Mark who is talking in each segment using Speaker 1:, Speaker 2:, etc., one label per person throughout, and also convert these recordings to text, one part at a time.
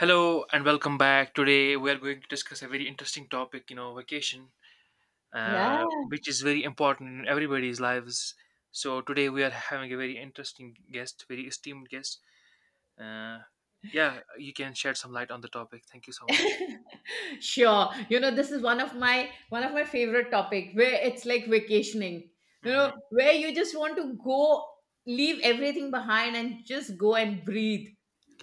Speaker 1: Hello and welcome back. Today we are going to discuss a very interesting topic, you know, vacation,
Speaker 2: Yeah,
Speaker 1: which is very important in everybody's lives. So today we are having a very interesting guest, very esteemed guest. Uh, yeah, you can shed some light on the topic. Thank you so much.
Speaker 2: sure. You know, this is one of my favorite topic where it's like vacationing. You know,
Speaker 1: Hmm.
Speaker 2: where you just want to go leave everything behind and just go and breathe.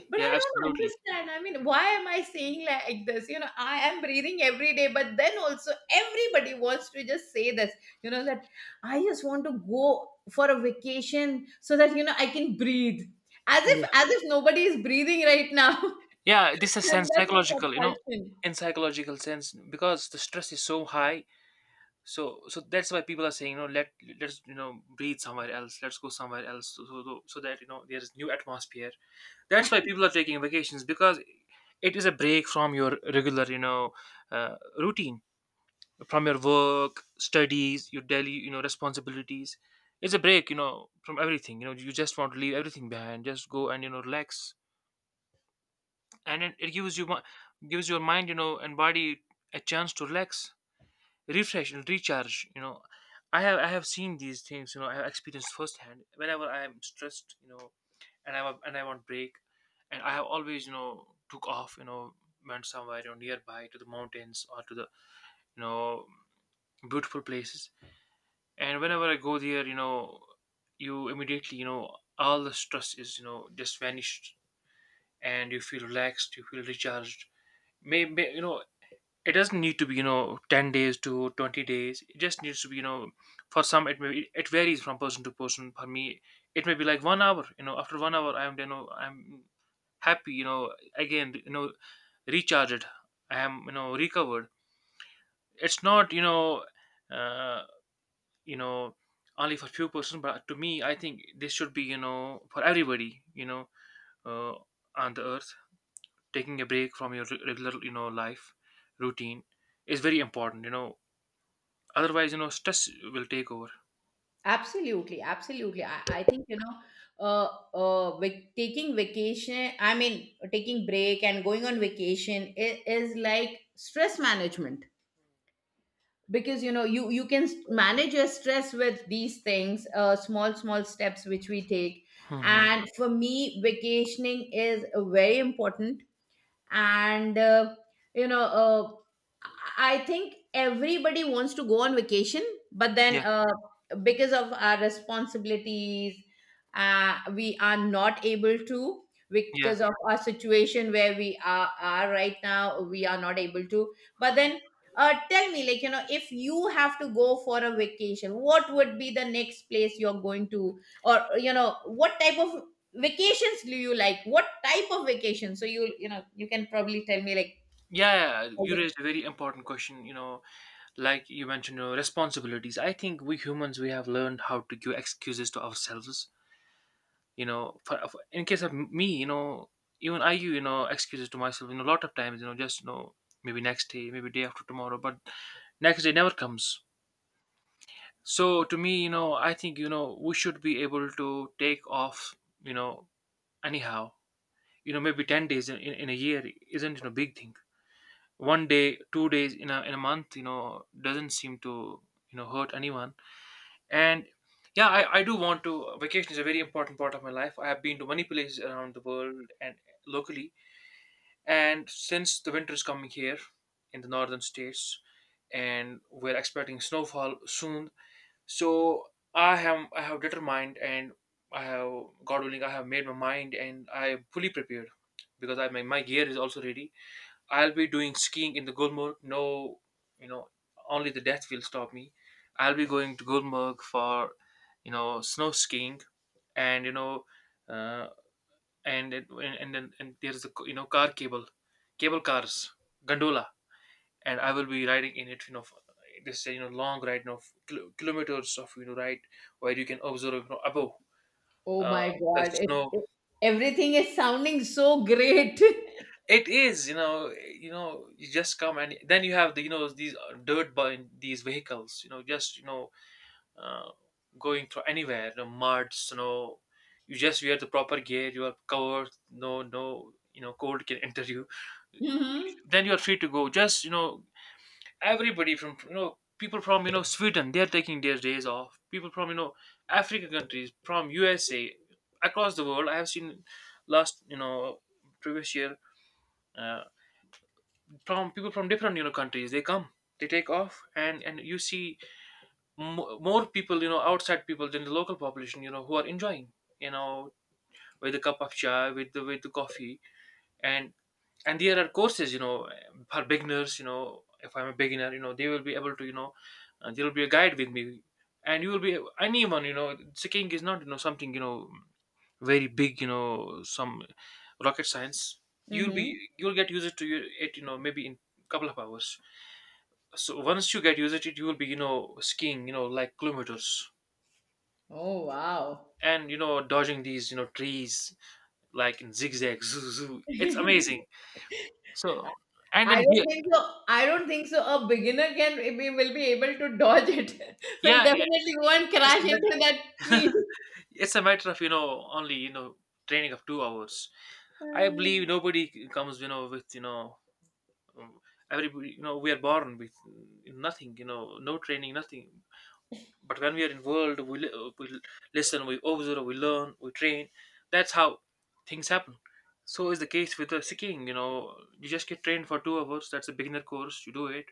Speaker 2: But
Speaker 1: Yeah,
Speaker 2: I don't
Speaker 1: absolutely.
Speaker 2: understand. I mean, why am I saying like this? You know, I am breathing every day, but then also everybody wants to just say this, you know, that I just want to go for a vacation so that, you know, I can breathe. As if
Speaker 1: Yeah.
Speaker 2: as if nobody is breathing right now.
Speaker 1: Yeah, this is
Speaker 2: And
Speaker 1: sense
Speaker 2: that's
Speaker 1: psychological, you know,
Speaker 2: a compulsion.
Speaker 1: in psychological sense because the stress is so high, so that's why people are saying, you know, let 's you know, breathe somewhere else, let's go somewhere else, so that, you know, there's new atmosphere, that's why people are taking vacations because it is a break from your regular, you know, routine, from your work, studies, your daily, you know, responsibilities. It's a break, you know, from everything, you know. You just want to leave everything behind, just go and, you know, relax. And it gives you gives your mind, you know, and body a chance to relax, refresh and recharge, you know. I have seen these things, you know. I have experienced firsthand whenever I am stressed, you know, and and I want break, and I have always, you know, took off, you know, went somewhere, you know, nearby to the mountains or to the, you know, beautiful places. And whenever I go there, you know, you immediately, you know, all the stress is, you know, just vanished, and you feel relaxed, you feel recharged. Maybe, you know, it doesn't need to be, you know, 10 days to 20 days. It just needs to be, you know. For some it may be, it varies from person to person. For me it may be like 1 hour, you know, after 1 hour I'm, you know, I'm happy, you know, again, you know, recharged. I am, you know, recovered. It's not, you know, uh, you know, only for few person. But to me I think this should be, you know, for everybody, you know, uh, on the earth. Taking a break from your regular, you know, life routine is very important, you know. Otherwise, you know, stress will take over.
Speaker 2: Absolutely, absolutely. I think you know, taking vacation. I mean, taking break and going on vacation is like stress management because you know you can manage your stress with these things, small small steps which we take.
Speaker 1: Hmm.
Speaker 2: And for me, vacationing is very important and you know uh, I think everybody wants to go on vacation but then
Speaker 1: Yeah,
Speaker 2: because of our responsibilities we are not able to
Speaker 1: yeah,
Speaker 2: because of our situation where we are right now we are not able to but then tell me like you know if you have to go for a vacation what would be the next place you're going to or you know what type of vacations do you like? What type of vacation? So you know you can probably tell me like
Speaker 1: yeah. Yeah,
Speaker 2: all
Speaker 1: you
Speaker 2: the.
Speaker 1: raised a very important question. You know, like you mentioned, you know, responsibilities. I think we humans, we have learned how to give excuses to ourselves. You know, for in case of me, you know, even I give, you know, excuses to myself, you know, a lot of times, you know, just, you know, maybe next day, maybe day after tomorrow, but next day never comes. So to me, you know, I think, you know, we should be able to take off, you know, anyhow, you know, maybe 10 days in, in a year isn't, you know, big thing. 1 day, 2 days in a month, you know, doesn't seem to, you know, hurt anyone. And yeah, I do want to vacation is a very important part of my life. I have been to many places around the world and locally, and since the winter is coming here in the northern states and we're expecting snowfall soon, so I have determined, and I have, God willing, I have made my mind and I am fully prepared because I my gear is also ready. I'll be doing skiing in the Gulmarg. No, you know, only the death will stop me. I'll be going to Gulmarg for, you know, snow skiing, and, you know, uh, and it- and there's the, you know, car cable, cable cars, gondola, and I will be riding in it, you know, for this, you know, long ride, you know, kilometers of, you know, ride, where you can observe, you know, above,
Speaker 2: Oh
Speaker 1: uh,
Speaker 2: my
Speaker 1: the
Speaker 2: God!
Speaker 1: snow.
Speaker 2: Everything is sounding so great.
Speaker 1: It is, you know, you know, you just come and then you have the, you know, these dirt by these vehicles, you know, just, you know, uh, going through anywhere, you know, mud, snow. You just wear the proper gear. You are covered. No, no, you know, cold can enter you.
Speaker 2: Mm-hmm.
Speaker 1: Then you are free to go. Just, you know, everybody from, you know, people from, you know, Sweden, they're taking their days off, people from, you know, African countries, from USA, across the world I have seen last, you know, previous year, uh, from people from different, you know, countries, they come, they take off, and you see mo more people, you know, outside people than the local population, you know, who are enjoying, you know, with a cup of chai, with the coffee. and and there are courses, you know, for beginners, you know. If I'm a beginner, you know, they will be able to, you know, there will be a guide with me. And you will be anyone, you know. Skiing is not, you know, something, you know, very big, you know, some rocket science. You'll be,
Speaker 2: Mm-hmm.
Speaker 1: you'll get used to it, you know, maybe in couple of hours. So once you get used to it, you will be, you know, skiing, you know, like kilometers,
Speaker 2: Oh, wow.
Speaker 1: and, you know, dodging these, you know, trees, like in zigzag, zoo. It's amazing. So, and
Speaker 2: I
Speaker 1: then here,
Speaker 2: don't think so. I don't think so. A beginner can we will be able to dodge it. Will
Speaker 1: yeah, yeah,
Speaker 2: definitely go and
Speaker 1: it's a
Speaker 2: crash into that
Speaker 1: matter.
Speaker 2: tree.
Speaker 1: It's a matter of, you know, only, you know, training of 2 hours. I
Speaker 2: Mm.
Speaker 1: believe nobody comes, you know, with, you know, um, everybody, you know, we are born with nothing, you know, no training, nothing. But when we are involved, we we listen, we observe, we learn, we train. That's how things happen. So is the case with the skiing. You know, you just get trained for 2 hours. That's a beginner course. You do it,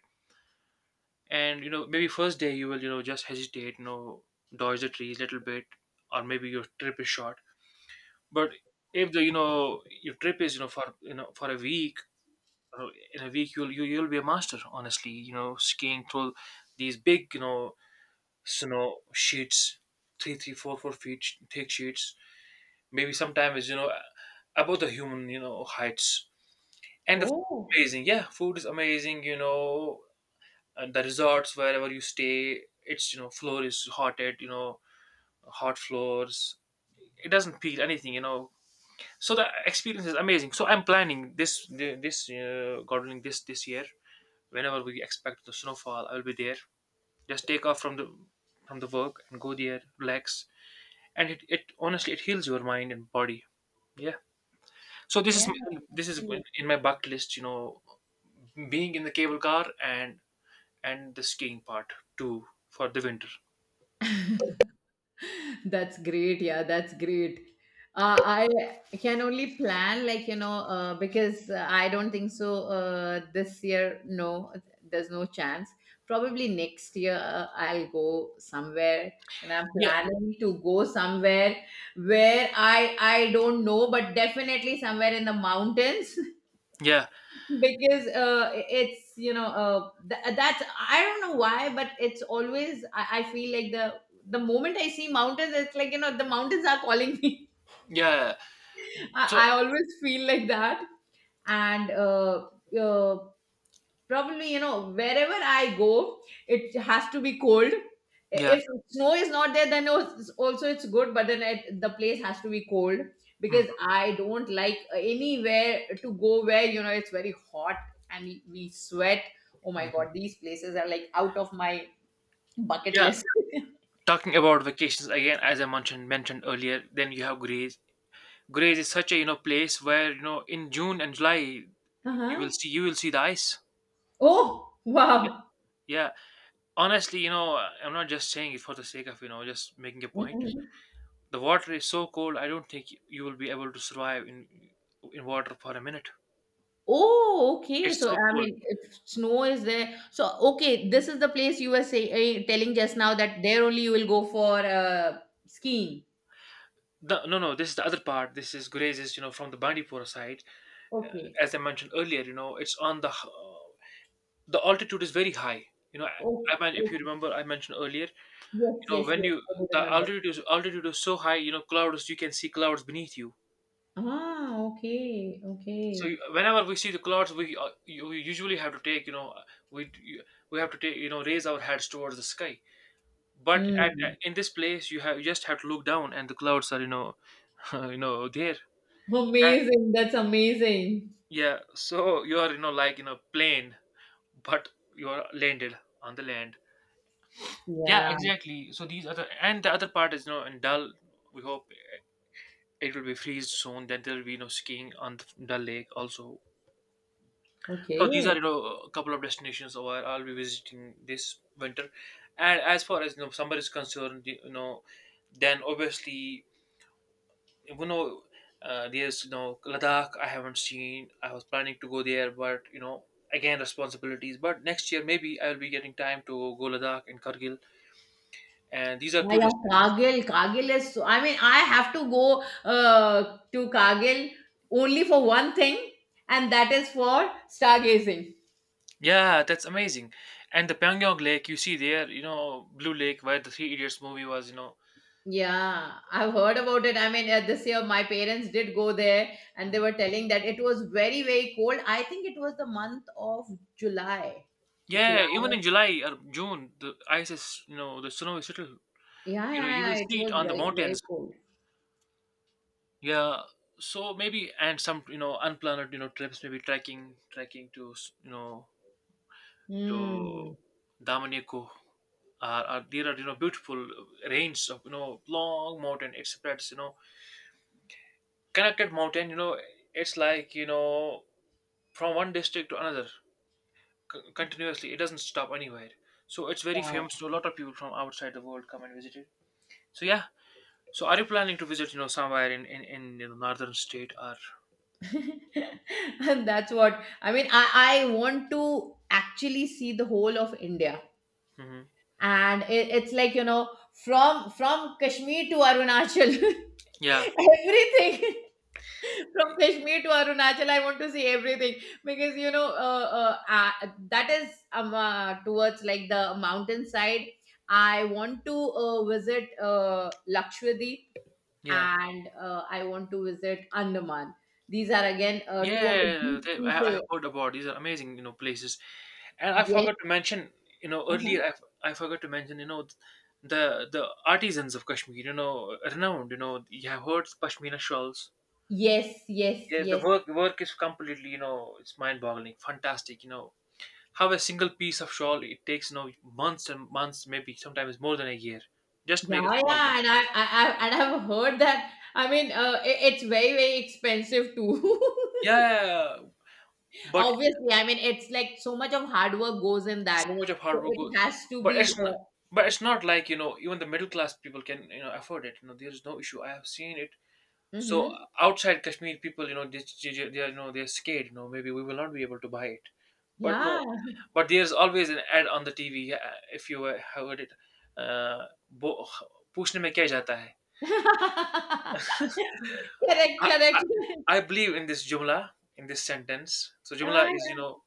Speaker 1: and, you know, maybe first day you will, you know, just hesitate, you know, dodge the trees a little bit, or maybe your trip is short. But if the, you know, your trip is, you know, for, you know, for a week, uh, in a week you'll you'll be a master. Honestly, you know, skiing through these big, you know, snow sheets, three four feet thick sheets. Maybe sometimes, you know, above the human, you know, heights. And the food is
Speaker 2: Oh
Speaker 1: amazing, yeah, food is amazing, you know. And the resorts wherever you stay, it's, you know, floor is hotted, you know. Hot floors. It doesn't feel anything, you know. So the experience is amazing. So I'm planning this God willing, this year, whenever we expect the snowfall, I'll be there, just take off from the work and go there, relax. And it honestly it heals your mind and body. Yeah. So
Speaker 2: yeah,
Speaker 1: this is
Speaker 2: actually.
Speaker 1: in my bucket list, you know, being in the cable car and the skiing part too for the winter.
Speaker 2: That's great. Yeah, that's great. I can only plan, like, you know, because I don't think so this year. No, there's no chance. Probably next year, I'll go somewhere. And I'm
Speaker 1: Yeah,
Speaker 2: planning to go somewhere where I don't know, but definitely somewhere in the mountains.
Speaker 1: yeah,
Speaker 2: Because it's you know that's I don't know why but it's always I feel like the moment I see mountains it's like you know the mountains are calling me.
Speaker 1: yeah.
Speaker 2: I,
Speaker 1: So
Speaker 2: I always feel like that and uh, probably, you know, wherever I go, it has to be cold.
Speaker 1: yeah.
Speaker 2: If snow is not there, then also it's good, but then it, the place has to be cold
Speaker 1: Mhm,
Speaker 2: because I don't like anywhere to go where, you know, it's very hot and we sweat. Oh my
Speaker 1: mhm.
Speaker 2: God, these places are like out of my bucket
Speaker 1: Yeah.
Speaker 2: list.
Speaker 1: Talking about vacations again, as I mentioned earlier, then you have Greece. Grays is such a, you know, place where, you know, in June and July
Speaker 2: Uh-huh.
Speaker 1: you will see the ice.
Speaker 2: Oh,
Speaker 1: Yeah,
Speaker 2: wow.
Speaker 1: yeah. Honestly, you know, I'm not just saying it for the sake of, you know, just making a point.
Speaker 2: Mhm.
Speaker 1: The water is so cold. I don't think you will be able to survive in water for a minute.
Speaker 2: Oh, okay.
Speaker 1: It's
Speaker 2: So,
Speaker 1: so
Speaker 2: I
Speaker 1: cold.
Speaker 2: mean, if snow is there, so okay, this is the place you were saying telling just now that there only you will go for skiing.
Speaker 1: No, no. This is the other part. This is Grays is, you know, from the Bandipora side.
Speaker 2: Okay.
Speaker 1: As I mentioned earlier, you know, it's on the the altitude is very high. You know,
Speaker 2: Oh,
Speaker 1: I mean, if you
Speaker 2: okay.
Speaker 1: remember, I mentioned earlier,
Speaker 2: Yes,
Speaker 1: you know,
Speaker 2: yes,
Speaker 1: when
Speaker 2: yes.
Speaker 1: you
Speaker 2: I do
Speaker 1: the
Speaker 2: remember.
Speaker 1: altitude is so high, you know, clouds, you can see clouds beneath you.
Speaker 2: Ah, okay,
Speaker 1: So
Speaker 2: okay.
Speaker 1: whenever we see the clouds, we, we usually have to take, you know, we you- we have to take, you know, raise our heads towards the sky. But
Speaker 2: Mm.
Speaker 1: in this place you have, you just have to look down, and the clouds are, you know, you know there, and
Speaker 2: Amazing. That's amazing.
Speaker 1: yeah, so you are, you know, like, you know, plane, but you are landed on the land. Yeah,
Speaker 2: Yeah.
Speaker 1: exactly. So these other, and the other part is, you know, in Dull, we hope it will be freeze soon, then there will be no skiing on the lake also. So these
Speaker 2: Okay.
Speaker 1: are, you know, a couple of destinations where I'll be visiting this winter. And as far as, you know, summer is concerned, you know, then obviously, you know, there's, you know, Ladakh, I haven't seen. I was planning to go there, but, you know, again responsibilities. But next year maybe I'll be getting time to go Ladakh and Kargil, and these are
Speaker 2: Yeah,
Speaker 1: two
Speaker 2: yeah,
Speaker 1: destinations.
Speaker 2: Kargil. Kargil is so, I mean, I have to go to Kargil only for one thing, and that is for stargazing.
Speaker 1: Yeah, that's amazing. And the Pyongyang Lake you see there, you know, Blue Lake where the Three Idiots movie was, you know.
Speaker 2: Yeah, I've heard about it. I mean, this year my parents did go there and they
Speaker 1: Mhm.
Speaker 2: were telling that it was very, very cold. I think it was the month of July.
Speaker 1: Yeah, even
Speaker 2: July.
Speaker 1: in July or June, the ice is, you know, the snow is little,
Speaker 2: Yeah,
Speaker 1: you know, you
Speaker 2: yeah,
Speaker 1: will
Speaker 2: yeah, it
Speaker 1: see it
Speaker 2: was
Speaker 1: on the
Speaker 2: very, very
Speaker 1: mountains.
Speaker 2: cold.
Speaker 1: Yeah. So maybe and some, you know, unplanned, you know, trips, maybe trekking to, you know, to
Speaker 2: Hmm.
Speaker 1: Damanico. Are there are you know beautiful range of you know long mountain, it spreads you know connected mountain, you know it's like you know from one district to another continuously. It doesn't stop anywhere. So it's very famous.
Speaker 2: Wow.
Speaker 1: So a lot of people from outside the world come and visit it. So yeah. So are you planning to visit, you know, somewhere in you know, northern state or?
Speaker 2: And that's what I mean. I want to actually see the whole of India.
Speaker 1: Hmm.
Speaker 2: And it's like, you know, from Kashmir to Arunachal,
Speaker 1: Yeah,
Speaker 2: everything. From Kashmir to Arunachal, I want to see everything because you know that is towards like the mountain side. I want to visit Lakshadweep
Speaker 1: yeah,
Speaker 2: and I want to visit Andaman. These are again two of the big
Speaker 1: yeah. They, I
Speaker 2: pieces.
Speaker 1: heard about these are amazing, you know, places. And I
Speaker 2: Yes,
Speaker 1: forgot to mention, you know,
Speaker 2: uh-huh.
Speaker 1: earlier I forgot to mention, you know, the artisans of Kashmir, you know, renowned. You know, you have heard pashmina shawls.
Speaker 2: Yes, yes,
Speaker 1: Yeah, the
Speaker 2: yes.
Speaker 1: work is completely, you know, it's mind-boggling, fantastic. You know, have a single piece of shawl, it takes you know months and months, maybe sometimes more than a year. Just
Speaker 2: Yeah,
Speaker 1: make a
Speaker 2: yeah,
Speaker 1: small one.
Speaker 2: and I and I've heard that. I mean, it, it's very, very expensive too.
Speaker 1: Yeah, but
Speaker 2: Obviously, I mean, it's like so much of hard work goes in
Speaker 1: so
Speaker 2: that.
Speaker 1: much of
Speaker 2: So
Speaker 1: hard work.
Speaker 2: it has to
Speaker 1: But
Speaker 2: be,
Speaker 1: it's not, but it's not like you know even the middle class people can you know afford it. You know there is no issue. I have seen it. So
Speaker 2: mm-hmm.
Speaker 1: outside Kashmir, people you know they are you know they're scared. You know maybe we will not be able to buy it, but
Speaker 2: Yeah.
Speaker 1: no, but there's always an ad on the TV. If you heard it, uh, "वो पूछने में क्या जाता है.
Speaker 2: Correct,
Speaker 1: I, I
Speaker 2: correct.
Speaker 1: I believe in this jumla, in this sentence. So
Speaker 2: Ah,
Speaker 1: jumla is,
Speaker 2: yeah.
Speaker 1: you know,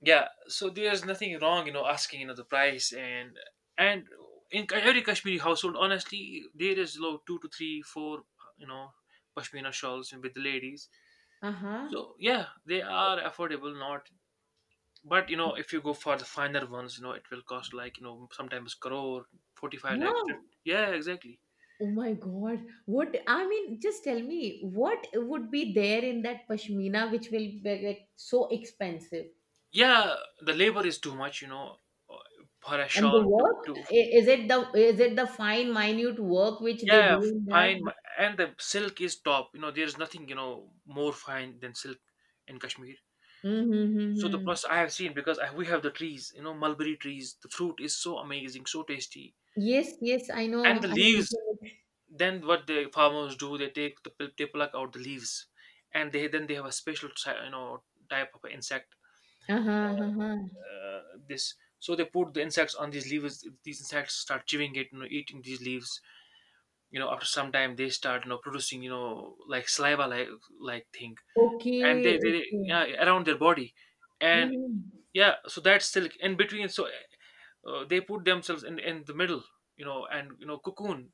Speaker 1: yeah. So there's nothing wrong, you know, asking, you know, the price and in every Kashmiri household, honestly, there is you know, two to three, four, you know, pashmina shawls with the ladies.
Speaker 2: Uh-huh.
Speaker 1: So yeah, they are affordable, not. But you know, if you go for the finer ones, you know, it will cost like you know sometimes crore, 45 lakhs.
Speaker 2: Huh.
Speaker 1: Yeah, exactly.
Speaker 2: Oh my God. What, I mean, just tell me, what would be there in that pashmina which will be like so expensive?
Speaker 1: Yeah, the labor is too much, you know, for a
Speaker 2: And the
Speaker 1: shawl
Speaker 2: work,
Speaker 1: to
Speaker 2: is it the fine, minute work which they do
Speaker 1: yeah,
Speaker 2: in that?
Speaker 1: fine, and the silk is top. You know, there's nothing you know more fine than silk in Kashmir.
Speaker 2: Mm-hmm.
Speaker 1: So the
Speaker 2: Mm-hmm.
Speaker 1: plus I have seen because we have the trees, you know, mulberry trees. The fruit is so amazing, so tasty,
Speaker 2: Yes, yes, I
Speaker 1: and
Speaker 2: know.
Speaker 1: the
Speaker 2: I know.
Speaker 1: leaves. Then what the farmers do, they take the they pluck out the leaves, and they then they have a special you know type of insect.
Speaker 2: Uh-huh, uh-huh.
Speaker 1: Uh, this so they put the insects on these leaves. These insects start chewing it, you know, eating these leaves you know after some time they start you know producing you know like saliva like thing and
Speaker 2: Okay,
Speaker 1: they yeah
Speaker 2: okay.
Speaker 1: around their body and
Speaker 2: Mhm.
Speaker 1: yeah so that's silk in between so they put themselves in the middle you know and you know cocoon,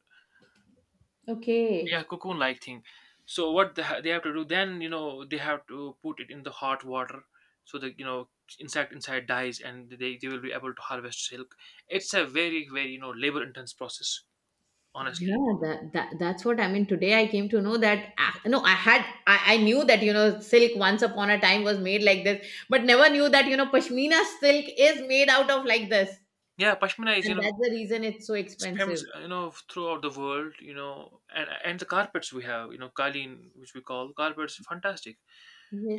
Speaker 1: yeah
Speaker 2: Okay.
Speaker 1: cocoon like thing. So what they have to do then you know they have to put it in the hot water so that you know insect inside dies and they will be able to harvest silk. It's a very you know labor intense process, honestly.
Speaker 2: Yeah, that, that that's what I mean. Today I came to know that ah, no, I had I knew that you know silk once upon a time was made like this, but never knew that you know pashmina silk is made out of like this,
Speaker 1: Yeah, pashmina is you
Speaker 2: and
Speaker 1: know
Speaker 2: that's the reason it's so
Speaker 1: it's famous,
Speaker 2: expensive.
Speaker 1: you know, throughout the world, you know, and the carpets we have, you know, Kalin, which we call carpets, fantastic.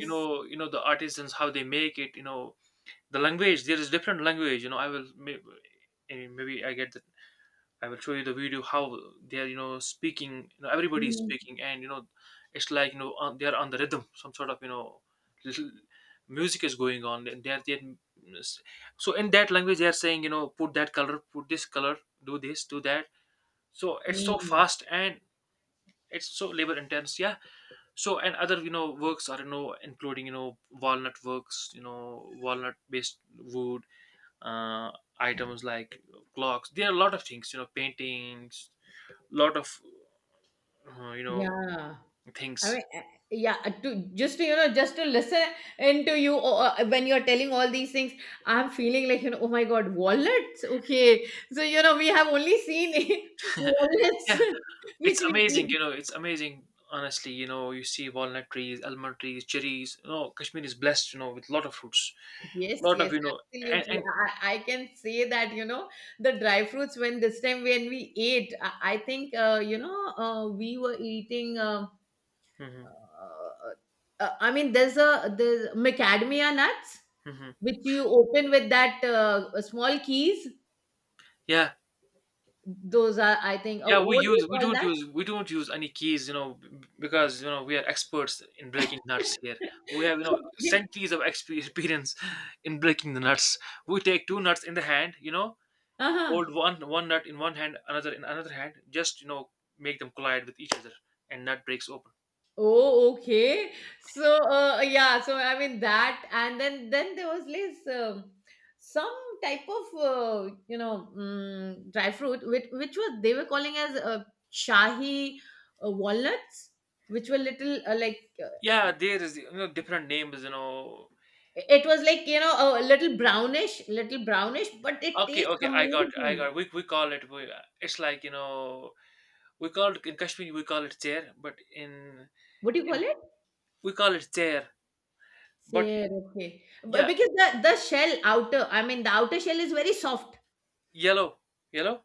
Speaker 1: You know the artisans how they make it. You know, the language there is different language. You know, eh, maybe I get that. I will show you the video how they are, you know, speaking. You know, everybody is
Speaker 2: Mhm.
Speaker 1: speaking, and you know, it's like you know on, they are on the rhythm, some sort of you know, little music is going on. And so in that language they are saying you know put that color, put this color, do this, do that, so it's so
Speaker 2: Mm.
Speaker 1: fast and it's so labor intense. Yeah, so and other you know works are you know including you know walnut works, you know walnut based wood uh items like clocks, there are a lot of things you know paintings, lot of you know
Speaker 2: Yeah. I
Speaker 1: things.
Speaker 2: mean, yeah, to just to you know, just to listen into you when you're telling all these things, I'm feeling like you know, oh my god, wallets. Okay, so you know, we have only seen wallets,
Speaker 1: Yeah,
Speaker 2: which
Speaker 1: it's
Speaker 2: we
Speaker 1: amazing
Speaker 2: eat.
Speaker 1: you know it's amazing honestly. You know you see walnut trees, almond trees, cherries, you know Kashmir is blessed you know with lot of fruits,
Speaker 2: Yes,
Speaker 1: lot
Speaker 2: yes,
Speaker 1: of you know
Speaker 2: absolutely.
Speaker 1: and
Speaker 2: I can say that you know the dry fruits when this time when we ate, I think we were eating.
Speaker 1: mhm,
Speaker 2: Uh, I mean, there's macadamia nuts
Speaker 1: mhm.
Speaker 2: which you open with that small keys.
Speaker 1: Yeah.
Speaker 2: Those are, I think,
Speaker 1: Yeah, we
Speaker 2: what do
Speaker 1: use
Speaker 2: you
Speaker 1: we
Speaker 2: call that?
Speaker 1: don't use any keys, you know, because you know we are experts in breaking nuts here. We have you know
Speaker 2: Okay.
Speaker 1: centuries of experience in breaking the nuts. We take two nuts in the hand, you know,
Speaker 2: Uh-huh.
Speaker 1: hold one nut in one hand, another in another hand, just you know make them collide with each other, and nut breaks open.
Speaker 2: Oh, okay. So, yeah. So, I mean that, and then there was this some type of you know dry fruit which was they were calling as shahi walnuts, which were little
Speaker 1: Yeah, there is you know different names, you know.
Speaker 2: it was like, you know, a little brownish, but it
Speaker 1: Okay,
Speaker 2: tastes
Speaker 1: okay, I
Speaker 2: amazing.
Speaker 1: got. We call it. We, it's like you know, we call it in Kashmir we call it chair, but
Speaker 2: What do you call
Speaker 1: in
Speaker 2: it?
Speaker 1: we call it chair, but
Speaker 2: Sir, okay. But
Speaker 1: yeah,
Speaker 2: because the shell outer, I mean, the outer shell is very soft.
Speaker 1: yellow. Yellow?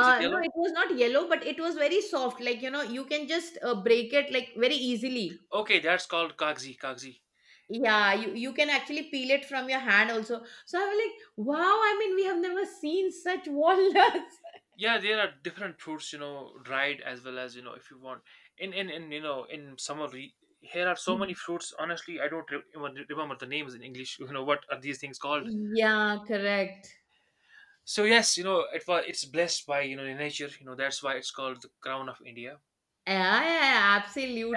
Speaker 1: Is it
Speaker 2: No,
Speaker 1: yellow?
Speaker 2: it was not yellow, but it was very soft. Like, you know, you can just break it like very easily.
Speaker 1: Okay, that's called kagzi, kagzi.
Speaker 2: Yeah, you can actually peel it from your hand also. So I was like, wow, I mean, we have never seen such walnuts.
Speaker 1: Yeah, there are different fruits, you know, dried as well as, you know, if you want. In in you know, in summer here are so many fruits. Honestly, I don't even remember the names in English. You know, what are these things called?
Speaker 2: Yeah, correct.
Speaker 1: So yes, you know, it's blessed by, you know, nature, you know, that's why it's called the crown of India.
Speaker 2: Yeah, yeah, yeah,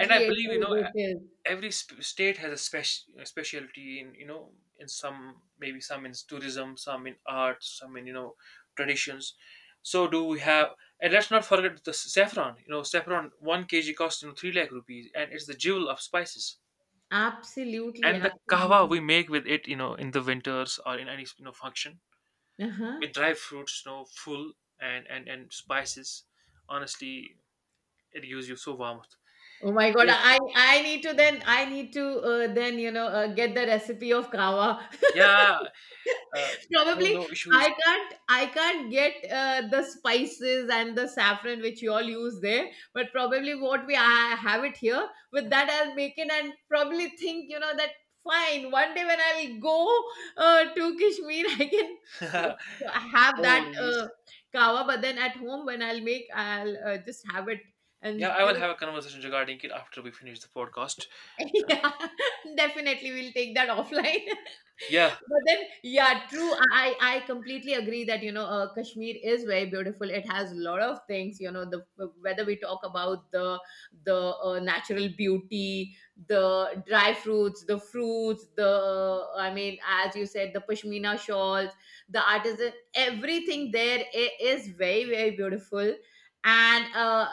Speaker 1: And I
Speaker 2: It
Speaker 1: believe, you
Speaker 2: is,
Speaker 1: know,
Speaker 2: it is.
Speaker 1: every state has a specialty in you know in some, maybe some in tourism, some in art, some in you know traditions, so do we have. And let's not forget the saffron, you know saffron 1 kg costs you know 3 lakh rupees and it's the jewel of spices.
Speaker 2: Absolutely,
Speaker 1: And the kahwa we
Speaker 2: absolutely.
Speaker 1: make with it you know in the winters or in any you know function
Speaker 2: Uh-huh.
Speaker 1: with dry fruits you know full and and spices, honestly it gives you so warmth.
Speaker 2: Oh my God,
Speaker 1: Yes,
Speaker 2: I need to then I need to then you know get the recipe of kava.
Speaker 1: yeah. uh, no
Speaker 2: Probably
Speaker 1: no issues.
Speaker 2: I can't get the spices and the saffron which you all use there, but probably what we I have it here with that I'll make it and probably think you know that fine one day when I'll go to Kashmir. I can see, have
Speaker 1: No
Speaker 2: that
Speaker 1: worries.
Speaker 2: kawa, but then at home when I'll make I'll just have it and
Speaker 1: Yeah, I
Speaker 2: you
Speaker 1: will
Speaker 2: know.
Speaker 1: have a conversation regarding it after we finish the podcast.
Speaker 2: Yeah, definitely we'll take that offline.
Speaker 1: Yeah,
Speaker 2: But then, yeah, true. I completely agree that you know Kashmir is very beautiful. It has a lot of things. You know the whether we talk about the natural beauty, the dry fruits, the I mean, as you said, the pashmina shawls, the artisan, everything there is very very beautiful. And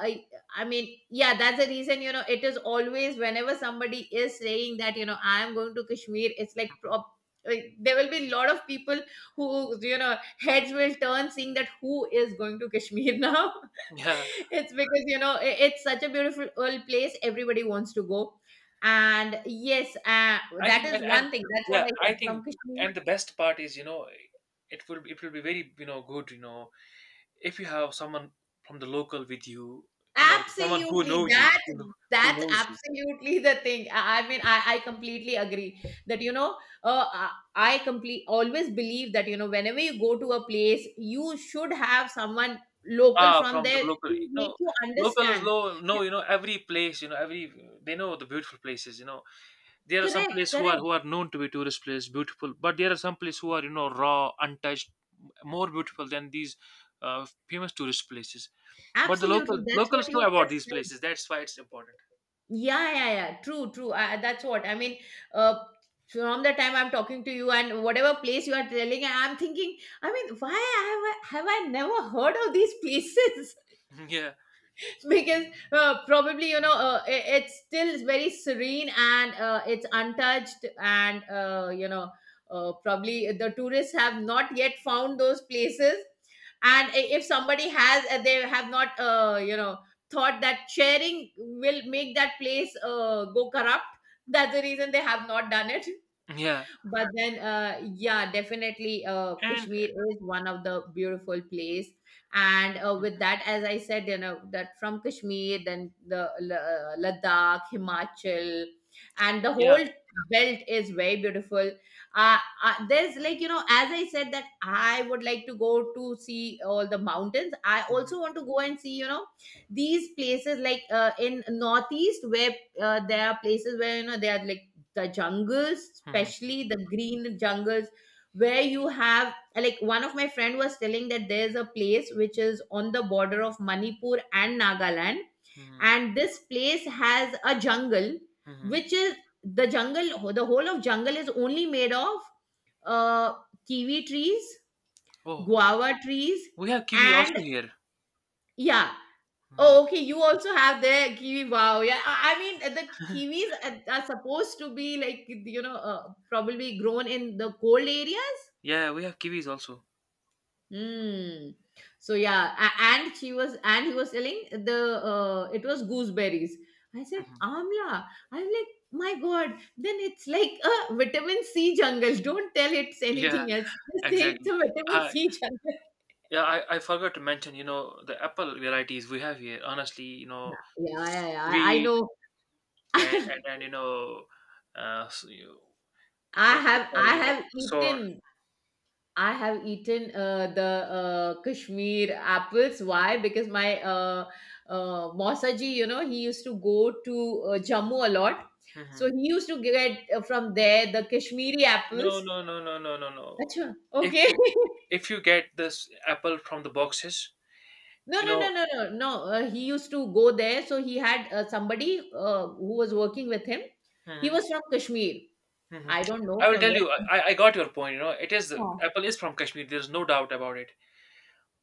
Speaker 2: I mean, yeah, that's the reason, you know, it is always whenever somebody is saying that, you know, I am going to Kashmir, it's like, prop, like there will be a lot of people who, you know, heads will turn seeing that who is going to Kashmir now.
Speaker 1: yeah.
Speaker 2: It's because, you know, it's such a beautiful old place. Everybody wants to go. And yes,
Speaker 1: I
Speaker 2: that
Speaker 1: think
Speaker 2: is
Speaker 1: and
Speaker 2: one thing. That's what
Speaker 1: yeah,
Speaker 2: I
Speaker 1: I
Speaker 2: said
Speaker 1: think
Speaker 2: from Kashmir.
Speaker 1: and the best part is, you know, it will be very, you know, good, you know, if you have someone from the local with you, you know, someone who
Speaker 2: Absolutely.
Speaker 1: know you,
Speaker 2: That
Speaker 1: who know, who
Speaker 2: that's
Speaker 1: knows you.
Speaker 2: absolutely the thing. I mean, I completely agree that you know, I complete always believe that you know, whenever you go to a place, you should have someone local
Speaker 1: Ah,
Speaker 2: from
Speaker 1: from the
Speaker 2: there
Speaker 1: local,
Speaker 2: to
Speaker 1: you
Speaker 2: make
Speaker 1: know,
Speaker 2: you
Speaker 1: local is
Speaker 2: understand.
Speaker 1: low,
Speaker 2: Yeah,
Speaker 1: no, you know, every place, you know, every they know the beautiful places, you know, there are some
Speaker 2: correct,
Speaker 1: places
Speaker 2: correct.
Speaker 1: who are known to be tourist places, beautiful, but there are some places who are you know raw, untouched, more beautiful than these famous tourist places. But the local
Speaker 2: Absolutely. That's
Speaker 1: locals
Speaker 2: what you
Speaker 1: know about
Speaker 2: just
Speaker 1: these
Speaker 2: said.
Speaker 1: places. That's why it's important.
Speaker 2: Yeah, yeah, yeah. True, true. That's what I mean. Uh, from the time I'm talking to you and whatever place you are telling, I'm thinking. I mean, why have I never heard of these places?
Speaker 1: Yeah,
Speaker 2: Because probably it's still very serene and it's untouched and probably the tourists have not yet found those places and if somebody has, they have not, thought that sharing will make that place go corrupt. That's the reason they have not done it.
Speaker 1: yeah,
Speaker 2: But then, yeah, definitely,
Speaker 1: and
Speaker 2: Kashmir is one of the beautiful place. And with that, as I said, you know, that from Kashmir then the Ladakh, Himachal and the
Speaker 1: yeah.
Speaker 2: whole belt is very beautiful. uh, there's like, you know, as I said, that I would like to go to see all the mountains. I
Speaker 1: Mhm,
Speaker 2: also want to go and see, you know, these places like, in northeast, where there are places where, you know, they are like the jungles,
Speaker 1: mhm,
Speaker 2: especially the green jungles, where you have, like, one of my friend was telling that there's a place which is on the border of Manipur and Nagaland,
Speaker 1: mhm,
Speaker 2: and this place has a jungle
Speaker 1: mhm.
Speaker 2: which is the whole of jungle is only made of uh, kiwi trees,
Speaker 1: Oh,
Speaker 2: guava trees.
Speaker 1: we have kiwi
Speaker 2: And
Speaker 1: also here.
Speaker 2: yeah.
Speaker 1: Mhm.
Speaker 2: Oh, okay. You also have the kiwi. Wow. Yeah. I mean, the kiwis are supposed to be like, you know, probably grown in the cold areas.
Speaker 1: Yeah, we have kiwis also.
Speaker 2: Hmm. So yeah, and he was telling the, it was gooseberries. I said
Speaker 1: Mhm.
Speaker 2: amla. I'm like, my God. Then it's like a vitamin C jungle. Don't tell it's
Speaker 1: Yeah,
Speaker 2: anything else. Just say it's a
Speaker 1: exactly.
Speaker 2: vitamin
Speaker 1: I
Speaker 2: C jungle.
Speaker 1: yeah, I forgot to mention, you know, the apple varieties we have here. Honestly, you
Speaker 2: Yeah,
Speaker 1: know,
Speaker 2: yeah, yeah, yeah, I
Speaker 1: sweet.
Speaker 2: know.
Speaker 1: And
Speaker 2: I
Speaker 1: and you know, so you, what's it called?
Speaker 2: I
Speaker 1: You know,
Speaker 2: have
Speaker 1: sore.
Speaker 2: eaten. I have eaten the Kashmir apples. Why? Because my Mausaji, you know, he used to go to Jammu a lot. So he
Speaker 1: Hmm.
Speaker 2: used to get, from there the Kashmiri
Speaker 1: No,
Speaker 2: apples.
Speaker 1: no, no, no, no, no, no.
Speaker 2: Achha,
Speaker 1: If
Speaker 2: okay.
Speaker 1: you if you get this apple from the boxes,
Speaker 2: No,
Speaker 1: you
Speaker 2: no, no,
Speaker 1: know.
Speaker 2: no, no, no. He used to go there. So he had somebody who was working with him. He
Speaker 1: Hmm.
Speaker 2: was from Kashmir.
Speaker 1: Hmm.
Speaker 2: I don't know
Speaker 1: I will
Speaker 2: from
Speaker 1: tell you. I,
Speaker 2: where.
Speaker 1: I I got your point. You know, it is
Speaker 2: Huh.
Speaker 1: apple is from Kashmir. There's no doubt about it.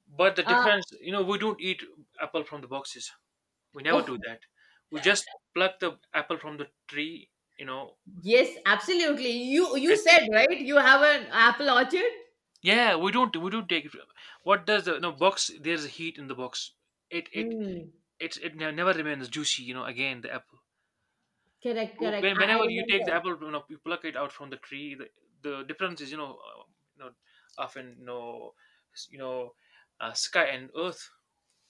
Speaker 1: But the
Speaker 2: Uh,
Speaker 1: difference, you know, we don't eat apple from the boxes. We never do
Speaker 2: oh,
Speaker 1: that. We just pluck the apple from the tree, you know,
Speaker 2: yes, absolutely. You
Speaker 1: and take
Speaker 2: said,
Speaker 1: it.
Speaker 2: right? You have an apple orchard?
Speaker 1: Yeah, we don't take it. What does the no box? There's a heat in the box. It it
Speaker 2: Mm.
Speaker 1: it never remains juicy. You know, again the apple.
Speaker 2: Correct, correct. I
Speaker 1: Whenever you take the
Speaker 2: remember.
Speaker 1: apple, you know, you pluck it out from the tree. The difference is, you know, often you know, you know, sky and earth.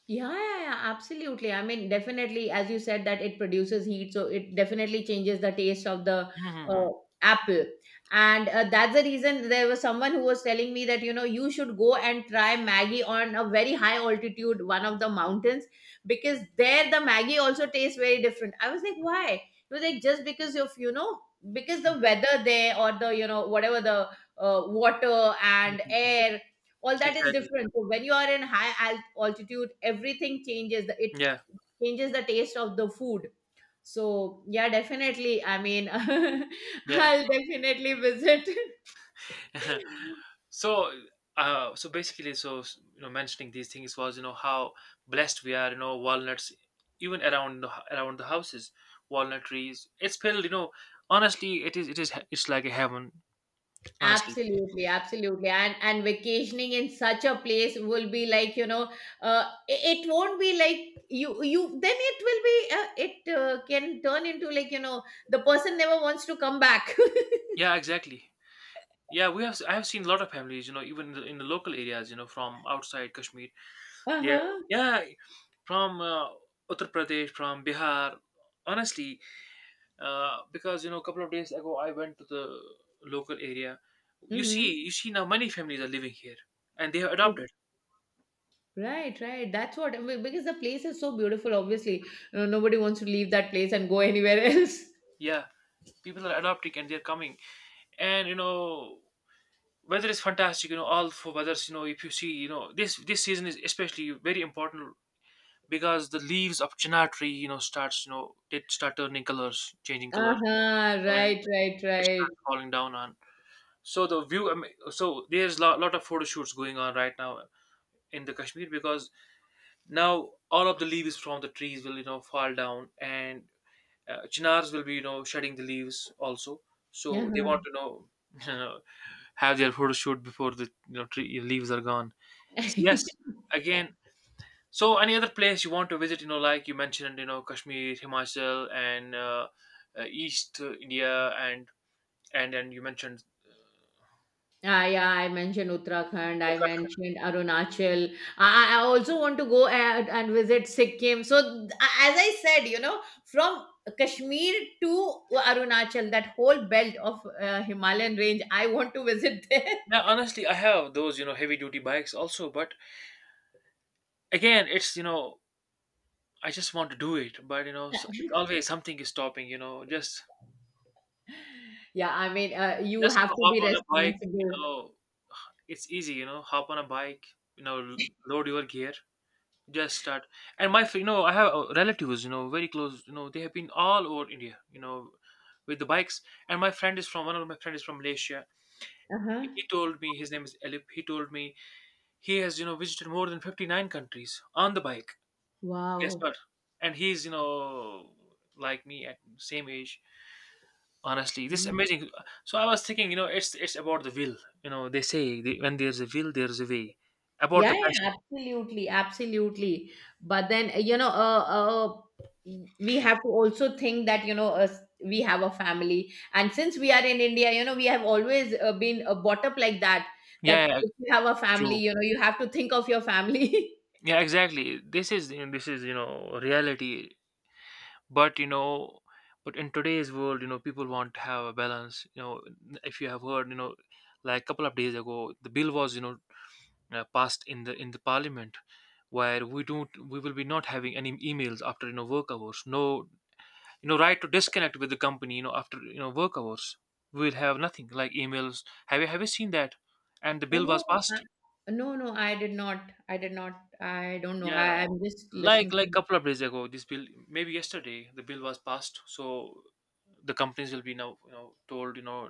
Speaker 2: Yeah, yeah, yeah, absolutely. I mean, definitely, as you said, that it produces heat, so it definitely changes the taste of the
Speaker 1: Mm-hmm.
Speaker 2: uh, apple. And that's the reason there was someone who was telling me that, you know, you should go and try Maggie on a very high altitude, one of the mountains, because there the Maggie also tastes very different. I was like, why? He was like, just because of, you know, because the weather there or the, you know, whatever the water and air, all that is
Speaker 1: Exactly.
Speaker 2: different. So when you are in altitude, everything changes it
Speaker 1: Yeah.
Speaker 2: changes the taste of the food. So yeah, definitely, I mean,
Speaker 1: Yeah.
Speaker 2: I'll definitely visit.
Speaker 1: So, so basically, so you know, mentioning these things was you know how blessed we are. You know, walnuts even around the, around the houses, walnut trees. It's filled. You know, honestly, it is it's like a heaven. Honestly,
Speaker 2: Absolutely, absolutely. And vacationing in such a place will be like, you know, it won't be like you. Then it will be, it can turn into, like, you know, the person never wants to come back.
Speaker 1: yeah, exactly. Yeah, we have. I have seen a lot of families. You know, even in in the local areas. You know, from outside Kashmir. Yeah,
Speaker 2: Uh-huh.
Speaker 1: yeah, from Uttar Pradesh, from Bihar. Honestly, because you know a couple of days ago I went to the local area. you see
Speaker 2: Mm-hmm.
Speaker 1: you see now many families are living here and they have adopted.
Speaker 2: Right, right. That's what I mean, because the place is so beautiful. Obviously, nobody wants to leave that place and go anywhere else.
Speaker 1: Yeah, people are adopting and they're coming, and you know, weather is fantastic, you know, all four weathers, you know, if you see, you know, this season is especially very important because the leaves of chinar tree, you know, they start turning colors, changing colors,
Speaker 2: Uh-huh,
Speaker 1: and
Speaker 2: right, right,
Speaker 1: it
Speaker 2: right.
Speaker 1: starts falling down on. So the view, I mean, so there's a lot of photo shoots going on right now in the Kashmir because now all of the leaves from the trees will, you know, fall down, and chinars will be, you know, shedding the leaves also. So they want to know, you know, have their photo shoot before the, you know, tree leaves are gone. So
Speaker 2: Uh-huh.
Speaker 1: yes, again, so any other place you want to visit, you know, like you mentioned, you know, Kashmir, Himachal, and east India and and you mentioned
Speaker 2: Ah, yeah, I mentioned Uttarakhand, I
Speaker 1: Uttarakhand.
Speaker 2: mentioned Arunachal. I also want to go and visit Sikkim. So, th- as I said, you know, from Kashmir to Arunachal, that whole belt of Himalayan range, I want to visit there.
Speaker 1: Yeah, honestly, I have those, you know, heavy duty bikes also, but again it's, you know, I just want to do it, but you know, so it's always something is stopping. You know,
Speaker 2: Yeah, I mean, you
Speaker 1: just
Speaker 2: have to
Speaker 1: hop
Speaker 2: be
Speaker 1: on a bike. You
Speaker 2: responsible.
Speaker 1: know, it's easy. You know, hop on a bike. You know, load your gear, just start. And my, you know, I have relatives. You know, very close. You know, they have been all over India. You know, with the bikes. And my friend is from one of my friend is from Malaysia.
Speaker 2: Uh-huh.
Speaker 1: He told me his name is Elip. He told me he has, you know, visited more than 59 countries on the bike. Guess
Speaker 2: Wow.
Speaker 1: what? And he's, you know, like me at same age. Honestly, this amazing. So I was thinking, you know, it's about the will. You know, they say when there's a will there's a way, about
Speaker 2: Yeah,
Speaker 1: the
Speaker 2: yeah,
Speaker 1: passion.
Speaker 2: absolutely, absolutely. But then, uh, we have to also think that, you know, we have a family. And since we are in India, you know, we have always been brought up like that, that
Speaker 1: Yeah, yeah,
Speaker 2: if you have a family,
Speaker 1: true.
Speaker 2: you know, you have to think of your family.
Speaker 1: Yeah, exactly, this is you know, reality. But you know, but in today's world, you know, people want to have a balance, you know, if you have heard, you know, like a couple of days ago the bill was, you know, passed in the parliament, where we will be not having any emails after, you know, work hours. No, you know, right to disconnect with the company, you know, after, you know, work hours, we will have nothing like emails. Have you seen that? And the
Speaker 2: Oh,
Speaker 1: bill
Speaker 2: no,
Speaker 1: was passed.
Speaker 2: no, no, I did not. I did not. I don't know.
Speaker 1: Yeah,
Speaker 2: I'm just
Speaker 1: like
Speaker 2: listening.
Speaker 1: like couple of days ago this bill, maybe yesterday the bill was passed. So the companies will be now, you know, told, you know,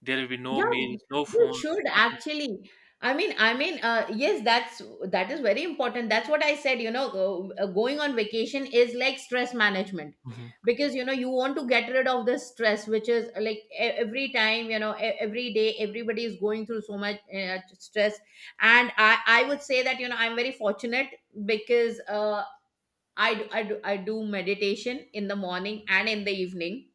Speaker 1: there will be no
Speaker 2: Yeah,
Speaker 1: mails, no
Speaker 2: you should
Speaker 1: phones, nothing.
Speaker 2: actually. Yes, that's that is very important. That's what I said. You know, going on vacation is like stress management,
Speaker 1: Hmm.
Speaker 2: because you know you want to get rid of the stress, which is, like, every time, you know, every day everybody is going through so much stress. And I would say that, you know, I'm very fortunate because I do meditation in the morning and in the evening.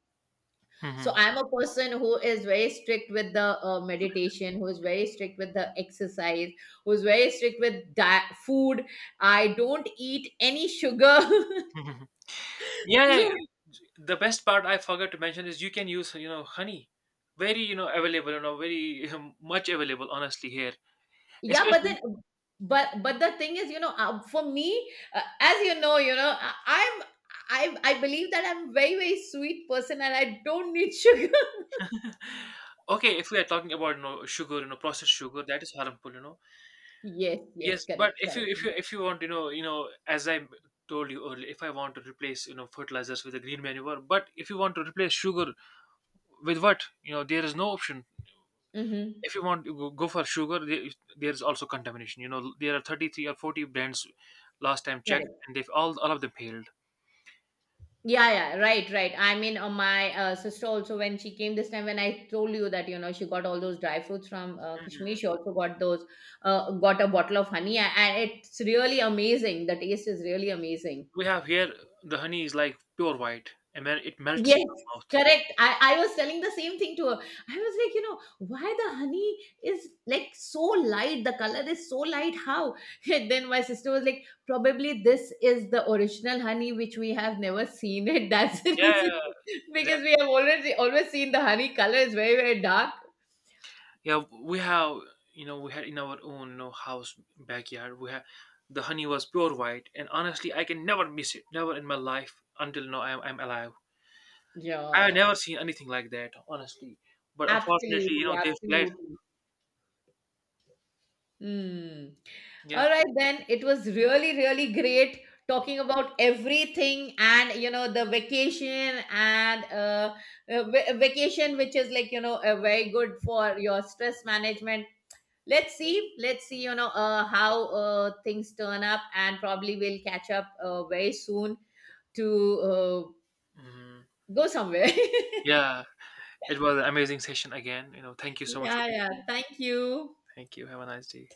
Speaker 2: So
Speaker 1: Hmm.
Speaker 2: I'm a person who is very strict with the meditation, who is very strict with the exercise, who is very strict with food. I don't eat any sugar.
Speaker 1: Hmm.
Speaker 2: So,
Speaker 1: Yeah, the best part I forgot to mention is you can use, you know, honey, very, you know, available, you know, very much available, honestly, here,
Speaker 2: yeah. but
Speaker 1: especially.
Speaker 2: then but the thing is, you know, for me, as you know, you know, i'm I believe that I'm very very sweet person and I don't need sugar.
Speaker 1: Okay, if we are talking about, you know, sugar, you know, processed sugar, that is harmful, you know.
Speaker 2: Yes, yes,
Speaker 1: Yes, but
Speaker 2: correct, correct.
Speaker 1: if you want, you know, as I told you earlier, if I want to replace, you know, fertilizers with a green manure, but if you want to replace sugar with what, you know, there is no option.
Speaker 2: Mm-hmm.
Speaker 1: If you want to go for sugar, there is also contamination. You know, there are 33 or 40 brands last time checked, and they've all of them failed.
Speaker 2: Yeah, yeah, right, right. I mean, my sister also, when she came this time, when I told you that, you know, she got all those dry fruits from Kashmir,
Speaker 1: Mhm.
Speaker 2: she also got those, got a bottle of honey. And it's really amazing. The taste is really amazing.
Speaker 1: We have here the honey is like pure white, and then it melts in
Speaker 2: Yes,
Speaker 1: your mouth.
Speaker 2: correct. I was telling the same thing to her. I was like, you know, why the honey is like so light? The color is so light. How? And then my sister was like, probably this is the original honey which we have never seen it. That's the
Speaker 1: Yeah.
Speaker 2: reason, because we have already always seen the honey color is very, very dark.
Speaker 1: Yeah, we have, you know, we had in our own, you know, house backyard, we had the honey was pure white, and honestly, I can never miss it, never in my life until now. I'm alive. I have
Speaker 2: Yeah,
Speaker 1: never seen anything like that, honestly. But unfortunately, you
Speaker 2: absolutely,
Speaker 1: know, they fled.
Speaker 2: absolutely. Mm.
Speaker 1: Yeah.
Speaker 2: All right, then. It was really, really great talking about everything and, you know, the vacation and vacation, which is like, you know, very good for your stress management. Let's see. Let's see, you know, how things turn up, and probably we'll catch up very soon to
Speaker 1: Hmm.
Speaker 2: go somewhere.
Speaker 1: Yeah, it was an amazing session again. You know, thank you so much for
Speaker 2: Yeah,
Speaker 1: being
Speaker 2: yeah.
Speaker 1: here.
Speaker 2: Thank you.
Speaker 1: Thank you. Have a nice day.